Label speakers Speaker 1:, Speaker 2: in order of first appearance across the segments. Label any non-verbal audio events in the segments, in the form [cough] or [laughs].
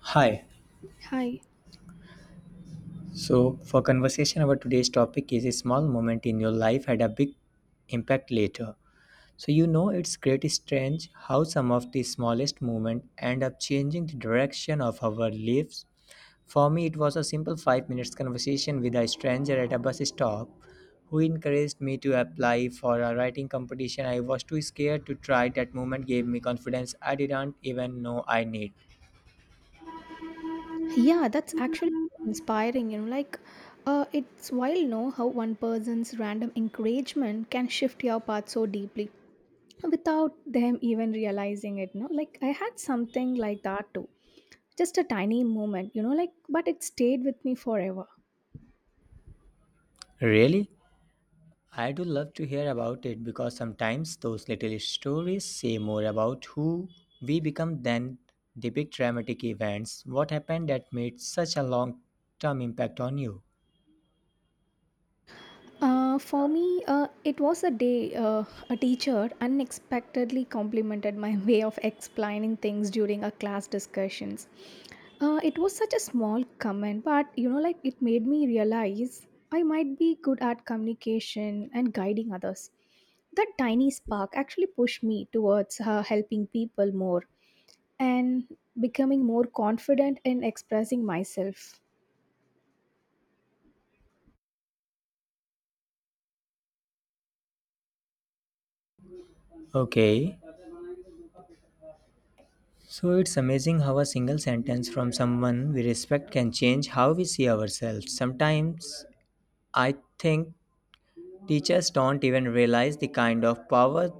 Speaker 1: Hi.
Speaker 2: Hi.
Speaker 1: So, for conversation our today's topic is a small moment in your life had a big impact later. So, you know, it's great strange how some of the smallest moments end up changing the direction of our lives. For me, it was a simple 5-minute minutes conversation with a stranger at a bus stop who encouraged me to apply for a writing competition. I was too scared to try. That moment gave me confidence I didn't even know I need.
Speaker 2: Yeah, that's actually inspiring. It's wild, know how one person's random encouragement can shift your path so deeply without them even realizing it. No, like I had something like that too. Just a tiny moment, but it stayed with me forever.
Speaker 1: Really? I do love to hear about it because sometimes those little stories say more about who we become than the big dramatic events. What happened that made such a long term impact on you?
Speaker 2: For me, it was a day a teacher unexpectedly complimented my [laughs] way of explaining things during a class discussions. It was such a small comment, but it made me realize I might be good at communication and guiding others. That tiny spark actually pushed me towards helping people more and becoming more confident in expressing myself.
Speaker 1: Okay, so it's amazing how a single sentence from someone we respect can change how we see ourselves. Sometimes I think teachers don't even realize the kind of power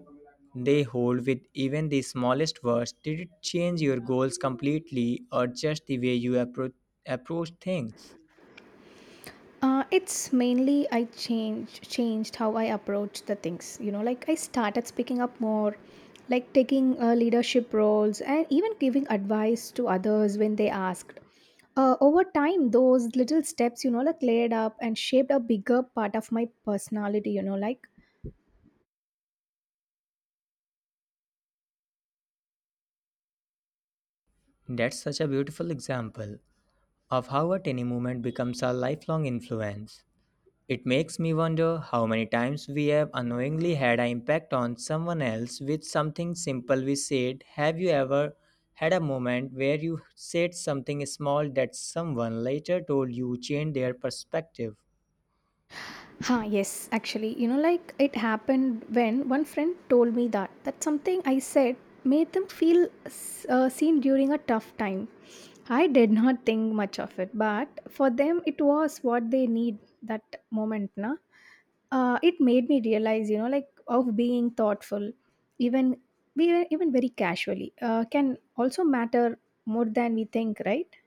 Speaker 1: they hold with even the smallest words. Did it change your goals completely or just the way you approach things?
Speaker 2: It's mainly I changed how I approach the things. You know, like I started speaking up more, like taking leadership roles and even giving advice to others when they asked. Over time, those little steps, laid up and shaped a bigger part of my personality.
Speaker 1: That's such a beautiful example of how a tiny movement becomes a lifelong influence. It makes me wonder how many times we have unknowingly had an impact on someone else with something simple we said. Have you ever had a moment where you said something small that someone later told you changed their perspective?
Speaker 2: Yes, actually, it happened when one friend told me that something I said made them feel seen during a tough time. I did not think much of it, but for them, it was what they need that moment. Na, it made me realize, of being thoughtful, even we even very casually, can also matter more than we think, right?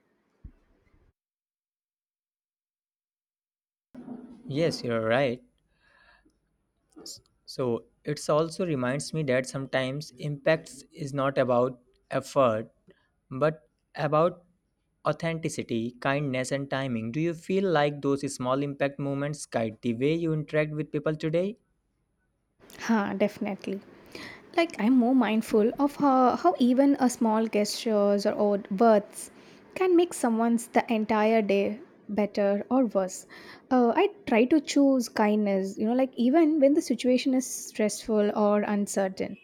Speaker 1: Yes, you're right. So it's also reminds me that sometimes impacts is not about effort, but about authenticity, kindness, and timing. Do you feel like those small impact moments guide the way you interact with people today?
Speaker 2: Definitely. Like I'm more mindful of how even a small gestures or odd words can make someone's the entire day better or worse. I try to choose kindness, even when the situation is stressful or uncertain.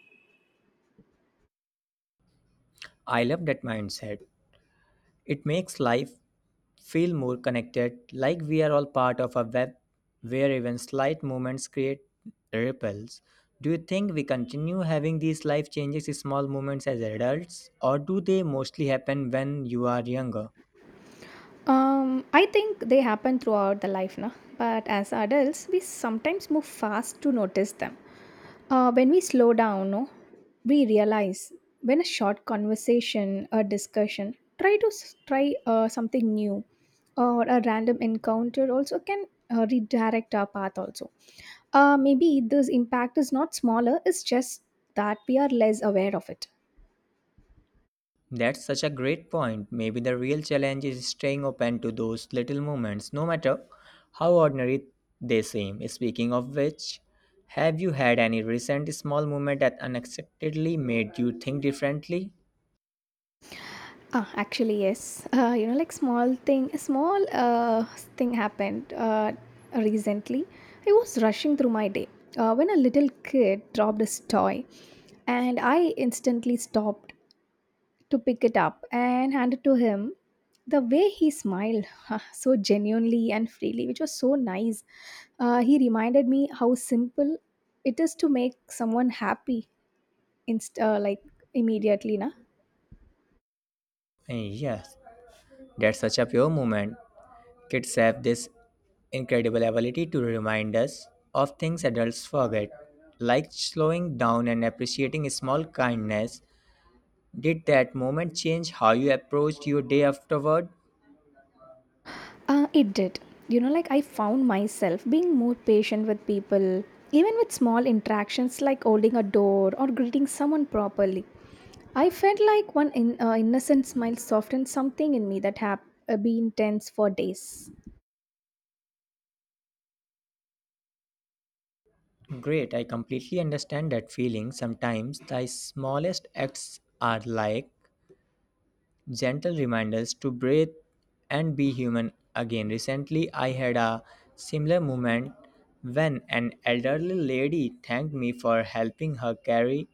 Speaker 1: I love that mindset. It makes life feel more connected, like we are all part of a web where even slight movements create ripples. Do you think we continue having these life changes, small moments as adults, or do they mostly happen when you are younger?
Speaker 2: I think they happen throughout the life, na? But as adults, we sometimes move fast to notice them. When we slow down, no, we realize when a short conversation or discussion, try something new or a random encounter also can redirect our path also. Maybe this impact is not smaller, it's just that we are less aware of it.
Speaker 1: That's such a great point. Maybe the real challenge is staying open to those little moments, no matter how ordinary they seem. Speaking of which, have you had any recent small moment that unexpectedly made you think differently?
Speaker 2: Actually, yes. You know, like small thing, small thing happened recently. I was rushing through my day when a little kid dropped his toy, and I instantly stopped to pick it up and hand it to him. The way he smiled, [laughs] so genuinely and freely, which was so nice. He reminded me how simple it is to make someone happy, inst- uh, like immediately, na.
Speaker 1: Eh, yes, that's such a pure moment. Kids have this incredible ability to remind us of things adults forget, like slowing down and appreciating small kindness. Did that moment change how you approached your day afterward?
Speaker 2: It did. You know, like I found myself being more patient with people, even with small interactions like holding a door or greeting someone properly. I felt like one innocent smile softened something in me that had been tense for days.
Speaker 1: Great, I completely understand that feeling. Sometimes the smallest acts are like gentle reminders to breathe and be human again. Recently, I had a similar moment when an elderly lady thanked me for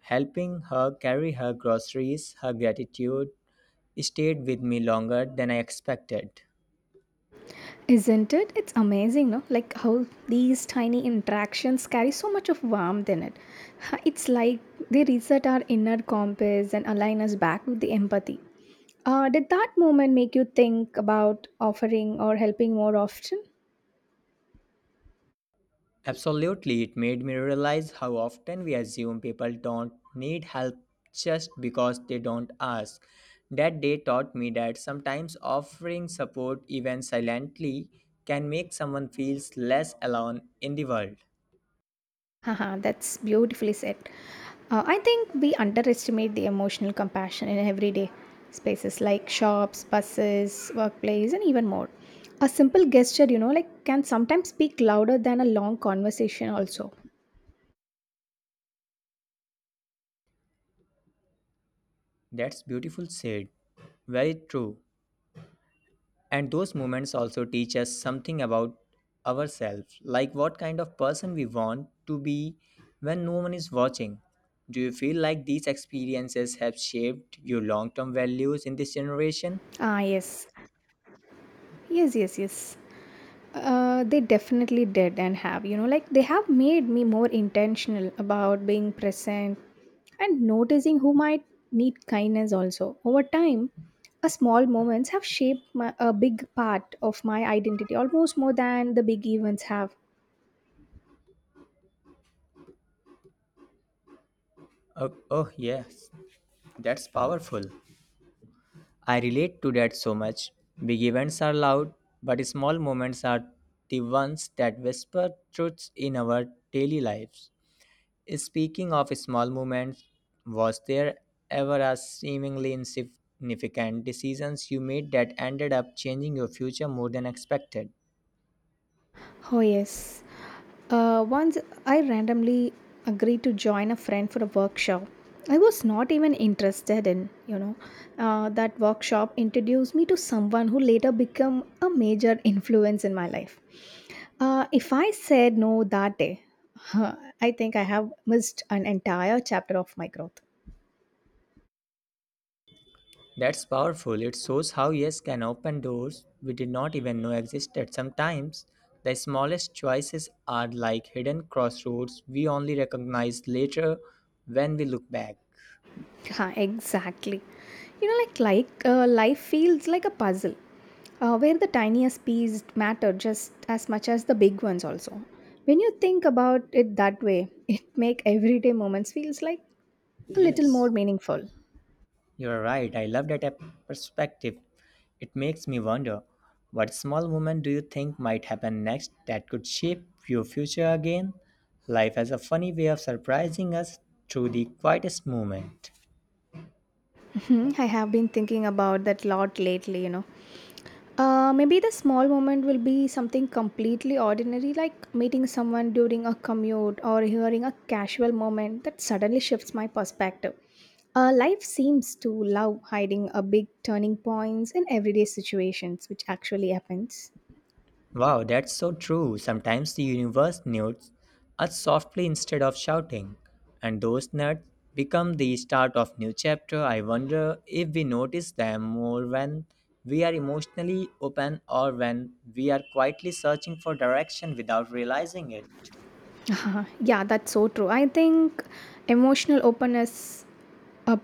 Speaker 1: helping her carry her groceries. Her gratitude stayed with me longer than I expected.
Speaker 2: Isn't it? It's amazing, no? Like how these tiny interactions carry so much of warmth in it. [laughs] It's like they reset our inner compass and align us back with the empathy. Did that moment make you think about offering or helping more often?
Speaker 1: Absolutely, it made me realize how often we assume people don't need help just because they don't ask. That day taught me that sometimes offering support, even silently, can make someone feel less alone in the world.
Speaker 2: Haha, that's beautifully said. I think we underestimate the emotional compassion in everyday spaces like shops, buses, workplace, and even more. A simple gesture, can sometimes speak louder than a long conversation, also.
Speaker 1: That's beautiful said. Very true. And those moments also teach us something about ourselves, like what kind of person we want to be when no one is watching. Do you feel like these experiences have shaped your long term values in this generation?
Speaker 2: Yes. Yes, yes, yes. They definitely did and have, they have made me more intentional about being present and noticing who might need kindness also. Over time, a small moments have shaped my, a big part of my identity almost more than the big events have.
Speaker 1: Oh, oh, yes, that's powerful. I relate to that so much. Big events are loud, but small moments are the ones that whisper truths in our daily lives. Speaking of small moments, was there ever a seemingly insignificant decisions you made that ended up changing your future more than expected?
Speaker 2: Oh, yes. Once I randomly agreed to join a friend for a workshop. I was not even interested in, that workshop introduced me to someone who later became a major influence in my life. If I said no that day, [laughs] I think I have missed an entire chapter of my growth.
Speaker 1: That's powerful. It shows how yes can open doors we did not even know existed. Sometimes the smallest choices are like hidden crossroads we only recognize later when we look back.
Speaker 2: Exactly. Life feels like a puzzle, where the tiniest pieces matter just as much as the big ones. Also, when you think about it that way, [laughs] it make everyday moments feels like a little
Speaker 1: Yes.
Speaker 2: more meaningful.
Speaker 1: You're right. I love that perspective. It makes me wonder what small movement do you think might happen next that could shape your future again? Life has a funny way of surprising us through the quietest moment.
Speaker 2: Mhm, I have been thinking about that lot lately. Maybe the small moment will be something completely ordinary, like meeting someone during a commute or hearing a casual moment that suddenly shifts my perspective. Life seems to love hiding a big turning points in everyday situations, which actually happens.
Speaker 1: Wow, that's so true. Sometimes the universe nudes us softly instead of shouting, and those nuts become the start of new chapter. I wonder if we notice them more when we are emotionally open or when we are quietly searching for direction without realizing it.
Speaker 2: [laughs] Yeah, that's so true. I think emotional openness up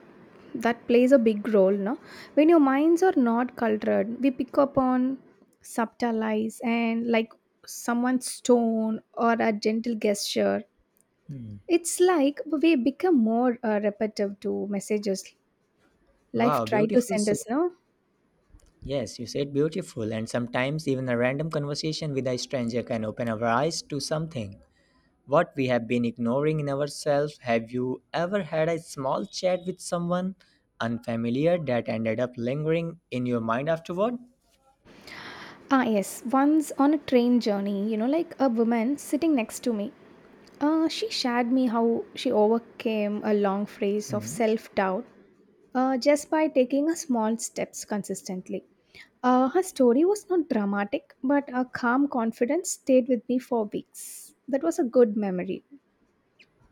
Speaker 2: that plays a big role no when your minds are not cultured we pick up on subtle lies and like someone's tone or a gentle gesture it's like we become more repetitive to messages life
Speaker 1: Wow,
Speaker 2: try to
Speaker 1: beautiful
Speaker 2: send
Speaker 1: say.
Speaker 2: us no.
Speaker 1: Yes, you said beautiful, and sometimes even a random conversation with a stranger can open our eyes to something what we have been ignoring in ourselves. Have you ever had a small chat with someone unfamiliar that ended up lingering in your mind afterward?
Speaker 2: Yes. Once on a train journey, a woman sitting next to me, she shared me how she overcame a long phase of
Speaker 1: Hmm.
Speaker 2: self doubt just by taking a small steps consistently. Her story was not dramatic, but her calm confidence stayed with me for weeks. That was a good memory.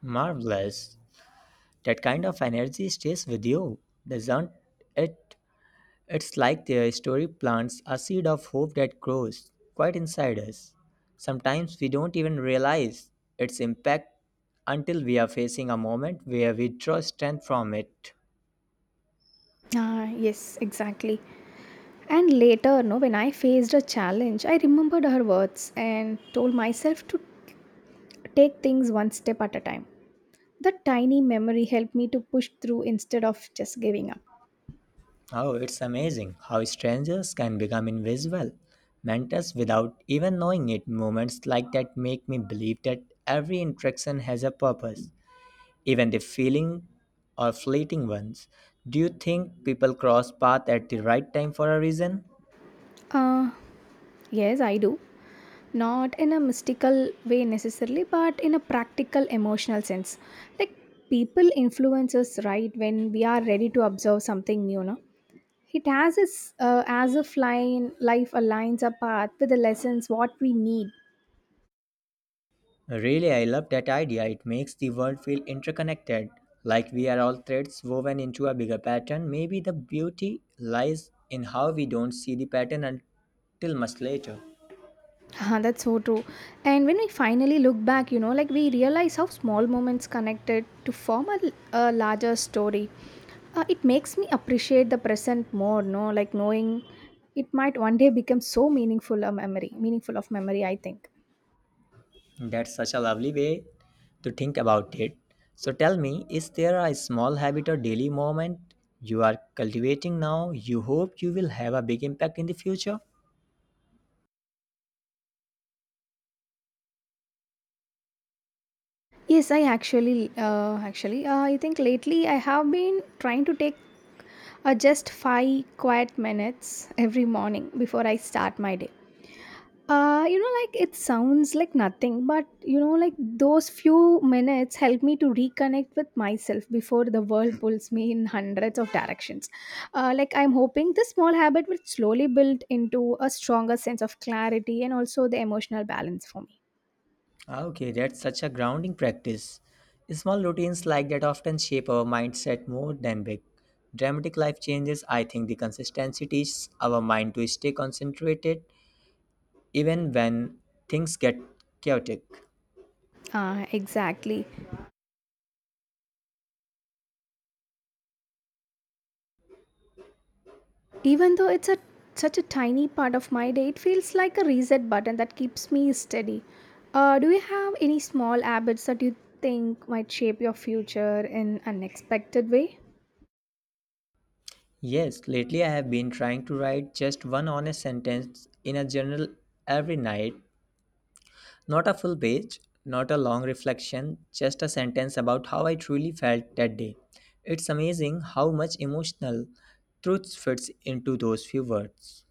Speaker 1: Marvelous. That kind of energy stays with you, doesn't it? It's like the story plants a seed of hope that grows quite inside us. Sometimes we don't even realize its impact until we are facing a moment where we draw strength from it.
Speaker 2: Yes, exactly. And later, no, when I faced a challenge, I remembered her words and told myself to take things one step at a time. That tiny memory helped me to push through instead of just giving up.
Speaker 1: Oh, it's amazing how strangers can become invisible mentors without even knowing it. Moments like that make me believe that every interaction has a purpose, even the feeling or fleeting ones. Do you think people cross paths at the right time for a reason?
Speaker 2: Uh, yes, I do. Not in a mystical way necessarily, but in a practical emotional sense. Like people influence us right when we are ready to observe something new, no? It has us as if life aligns our path with the lessons what we need.
Speaker 1: Really, I love that idea. It makes the world feel interconnected, like we are all threads woven into a bigger pattern. Maybe the beauty lies in how we don't see the pattern until much later.
Speaker 2: That's so true. And when we finally look back, we realize how small moments connected to form a larger story. It makes me appreciate the present more, no? Like knowing it might one day become so meaningful a memory, meaningful of memory, I think.
Speaker 1: That's such a lovely way to think about it. So tell me, is there a small habit or daily moment you are cultivating now you hope you will have a big impact in the future?
Speaker 2: Yes, I actually, I think lately I have been trying to take just five quiet minutes every morning before I start my day. You know, like it sounds like nothing, but those few minutes help me to reconnect with myself before the world pulls me in hundreds of directions. Like I'm hoping this small habit will slowly build into a stronger sense of clarity and also the emotional balance for me.
Speaker 1: Ah, okay, that's such a grounding practice. Small routines like that often shape our mindset more than big. Dramatic life changes, I think the consistency teaches our mind to stay concentrated even when things get chaotic.
Speaker 2: Exactly. Even though it's such a tiny part of my day, it feels like a reset button that keeps me steady. Do you have any small habits that you think might shape your future in unexpected way?
Speaker 1: Yes, lately I have been trying to write just one honest sentence in a journal every night. Not a full page, not a long reflection, just a sentence about how I truly felt that day. It's amazing how much emotional truth fits into those few words.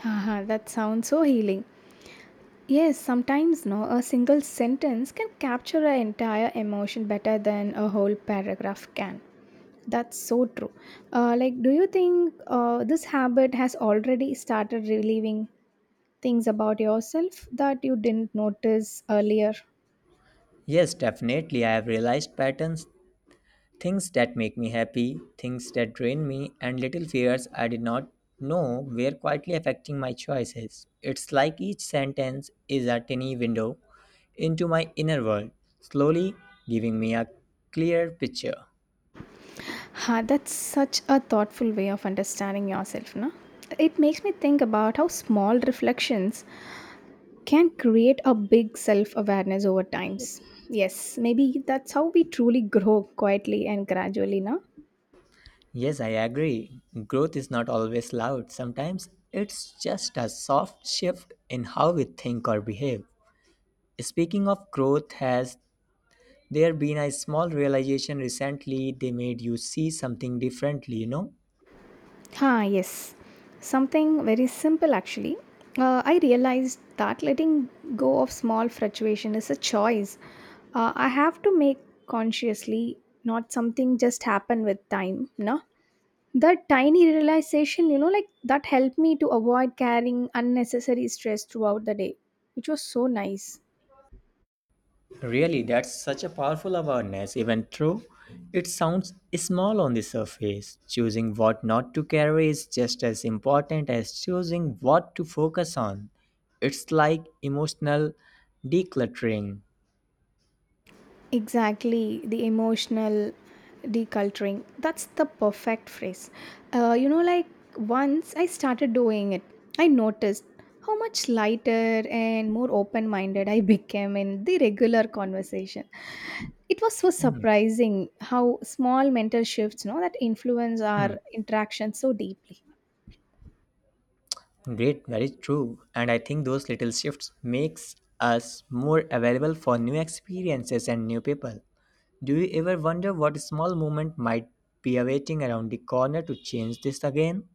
Speaker 2: Haha, that sounds so healing. Yes, sometimes no, a single sentence can capture an entire emotion better than a whole paragraph can. That's so true. Do you think this habit has already started relieving things about yourself that you didn't notice earlier.
Speaker 1: Yes, definitely, I have realized patterns. Things that make me happy, things that drain me, and little fears I did not know were quietly affecting my choices. It's like each sentence is a tiny window into my inner world, slowly giving me a clear picture.
Speaker 2: Ha, that's such a thoughtful way of understanding yourself, no? It makes me think about how small reflections can create a big self awareness over times. Yes, maybe that's how we truly grow quietly and gradually, no?
Speaker 1: Yes, I agree. Growth is not always loud. Sometimes it's just a soft shift in how we think or behave. Speaking of growth, has there been a small realization recently they made you see something differently, you know?
Speaker 2: Yes. Something very simple actually. I realized that letting go of small fluctuation is a choice. I have to make consciously, not something just happen with time. No, that tiny realization, that helped me to avoid carrying unnecessary stress throughout the day, which was so nice.
Speaker 1: Really, that's such a powerful awareness, even though it sounds small on the surface. Choosing what not to carry is just as important as choosing what to focus on. It's like emotional decluttering.
Speaker 2: Exactly, the emotional deculturing. That's the perfect phrase. You know, like once I started doing it, I noticed how much lighter and more open minded I [laughs] became in the regular conversation. It was so surprising how small mental shifts, that influence our interaction so deeply.
Speaker 1: Great, very true. And I think those little shifts makes us more available for new experiences and new people. Do you ever wonder what small moment might be awaiting around the corner to change this again?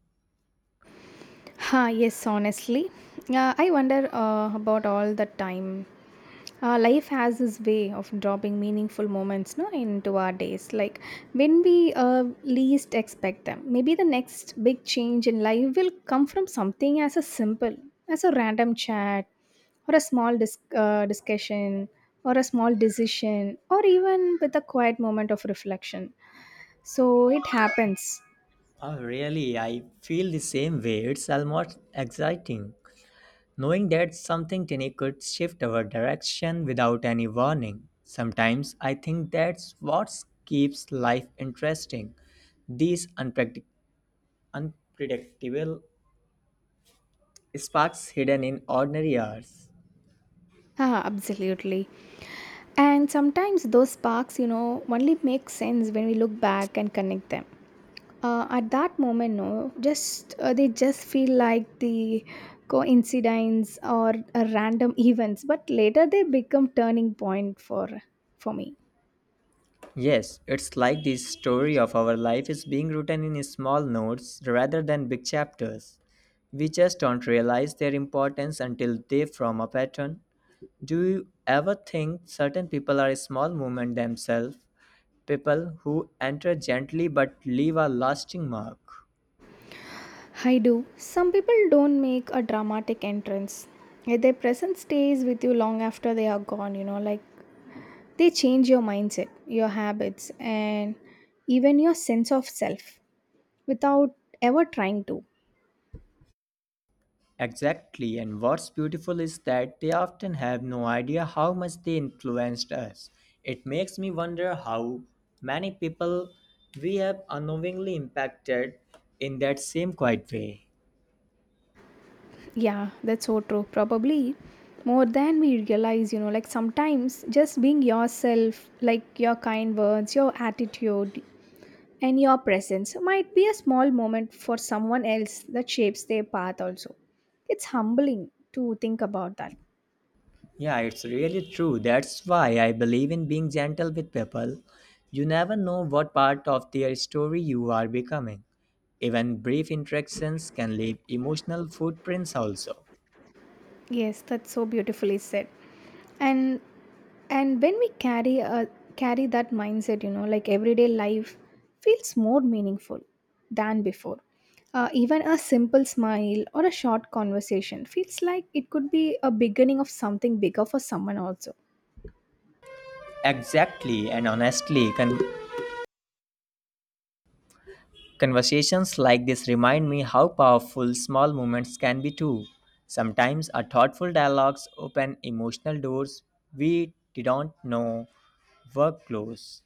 Speaker 2: Yes, honestly. I wonder about all the time. Life has this way of dropping meaningful moments no, into our days, like when we least expect them. Maybe the next big change in life will come from something as a random chat, or a small discussion, or a small decision, or even with a quiet moment of reflection. So it happens.
Speaker 1: Oh, really? I feel the same way. It's almost exciting knowing that something tiny could shift our direction without any warning. Sometimes I think that's what keeps life interesting. These unpredictable sparks hidden in ordinary hours.
Speaker 2: Absolutely. And sometimes those sparks, only make sense when we look back and connect them. At that moment, no, just they just feel like the coincidence or random [laughs] events, but later they become turning point for me.
Speaker 1: Yes, it's like the story of our life is being written in small notes rather than big chapters. We just don't realize their importance until they form a pattern. Do you ever think certain people are a small movement themselves? People who enter gently but leave a lasting mark?
Speaker 2: I do. Some people don't make a dramatic entrance. Yet their presence stays with you long after they are gone, they change your mindset, your habits, and even your sense of self without ever trying to.
Speaker 1: Exactly, and what's beautiful is that they often have no idea how much they influenced us. It makes me wonder how many people we have unknowingly impacted in that same quiet way.
Speaker 2: Yeah, that's so true. Probably more than we realize, sometimes just being yourself, like your kind words, your attitude, and your presence might be a small moment for someone else that shapes their path also. It's humbling to think about that.
Speaker 1: Yeah, it's really true. That's why I believe in being gentle with people. You never know what part of their story you are becoming. Even brief interactions can leave emotional footprints also.
Speaker 2: Yes, that's so beautifully said. And and when we carry that mindset, everyday life feels more meaningful than before. Even a simple smile or a short conversation feels like it could be a beginning of something bigger for someone also.
Speaker 1: Exactly, and honestly, conversations like this remind me how powerful small moments can be too. Sometimes our thoughtful dialogues open emotional doors we didn't know were closed.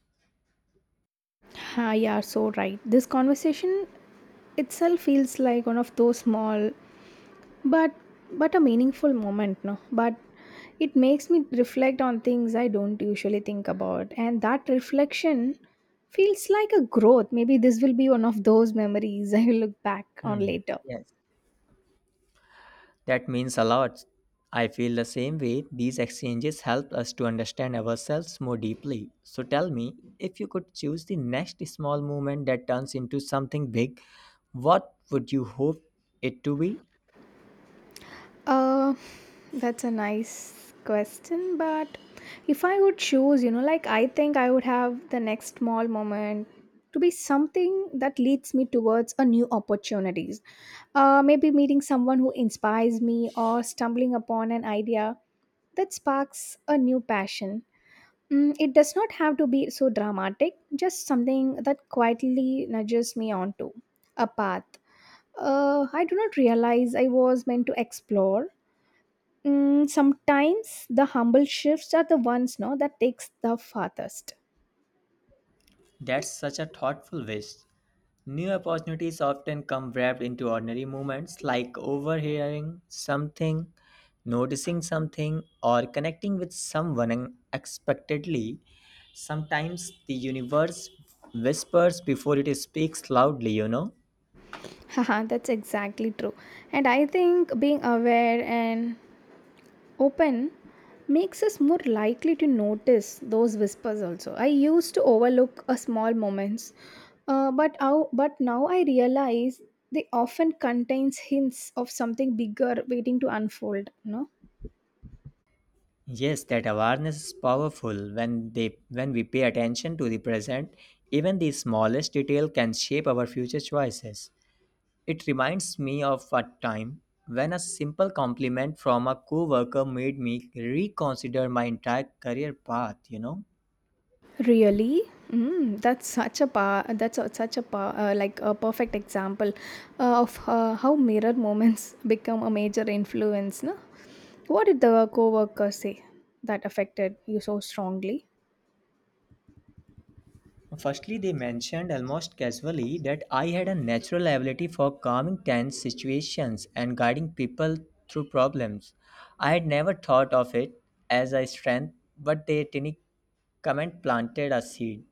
Speaker 2: Yeah, so right. This conversation itself feels like one of those small but but a meaningful moment no but it makes me reflect on things I don't usually think about and that reflection feels like a growth. Maybe this will be one of those memories [laughs] I will look back on
Speaker 1: Hmm.
Speaker 2: later.
Speaker 1: Yes. That means a lot. I feel the same way. These exchanges help us to understand ourselves more deeply. So tell me, if you could choose the next small movement that turns into something big, what would you hope it to be?
Speaker 2: Uh, that's a nice question, but if I would choose, I think I would have the next small moment to be something that leads me towards a new opportunities. Maybe meeting someone who inspires me or stumbling upon an idea that sparks a new passion. Mm, it does not have to be so dramatic, just something that quietly nudges me onto a path. I do not realize I was meant to explore. Mm, sometimes the humble shifts are the ones no that takes the farthest.
Speaker 1: That's such a thoughtful wish. New opportunities often come wrapped into ordinary moments like overhearing something, noticing something, or connecting with someone unexpectedly. Sometimes the universe whispers before it speaks loudly, you know.
Speaker 2: [laughs] Haha, that's exactly true. And I think being aware and open makes us more likely to notice those whispers also. I used to overlook a small moments, but now I realize they often contains hints of something bigger waiting to unfold. No.
Speaker 1: Yes, that awareness is powerful when they when we pay attention to the present, even the smallest detail can shape our future choices. It reminds me of a time when a simple compliment from a coworker made me reconsider my entire career path, you know.
Speaker 2: Really? Mm, that's such a pa- that's a, such a perfect example of how mirror moments [laughs] become a major influence. No? What did the coworker say that affected you so strongly?
Speaker 1: Firstly, they mentioned almost casually that I had a natural ability for calming tense situations and guiding people through problems. I had never thought of it as a strength, but their tiny comment planted a seed.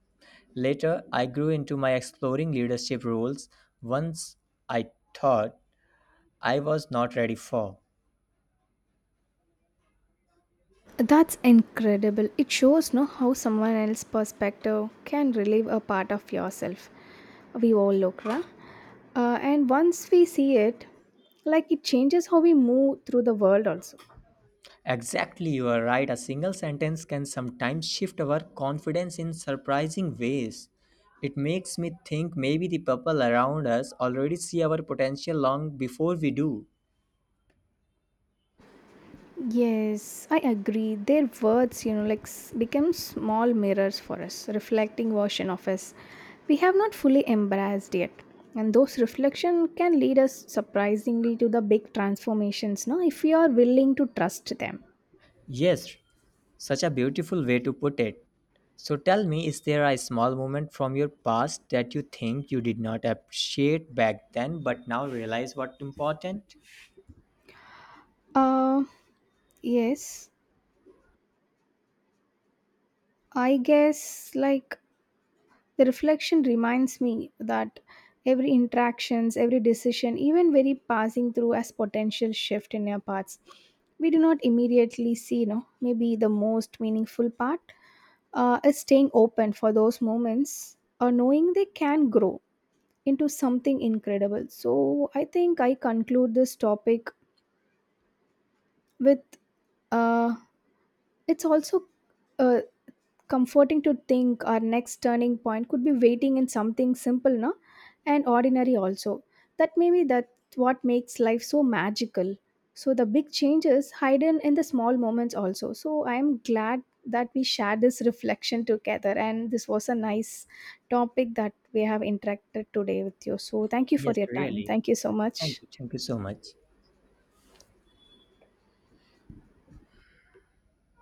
Speaker 1: Later, I grew into my exploring leadership roles once I thought I was not ready for.
Speaker 2: That's incredible. It shows no how someone else's perspective can relieve a part of yourself. We all look, right? And once we see it, like it changes how we move through the world also.
Speaker 1: Exactly, you are right. A single sentence can sometimes shift our confidence in surprising ways. It makes me think maybe the people around us already see our potential long before we do.
Speaker 2: Yes, I agree. Their words, become small mirrors for us, reflecting version of us we have not fully embraced yet. And those reflection can lead us surprisingly to the big transformations, no? If we are willing to trust them.
Speaker 1: Yes, such a beautiful way to put it. So tell me, is there a small moment from your past that you think you did not appreciate back then but now realize what important?
Speaker 2: Uh, yes, I guess like the reflection reminds me that every interactions, every decision, even very passing through as potential shift in our paths. We do not immediately see, maybe the most meaningful part is staying open for those moments or knowing they can grow into something incredible. So I think I conclude this topic with uh, it's also uh, comforting to think our next turning point could be waiting in something simple, no? And ordinary also. That maybe that what makes life so magical. So the big changes hidden in the small moments also. So I am glad that we shared this reflection together and this was a nice topic that we have interacted today with you. So thank you for
Speaker 1: Yes,
Speaker 2: your time.
Speaker 1: really.
Speaker 2: Thank you so much.
Speaker 1: Thank you. Thank you so much.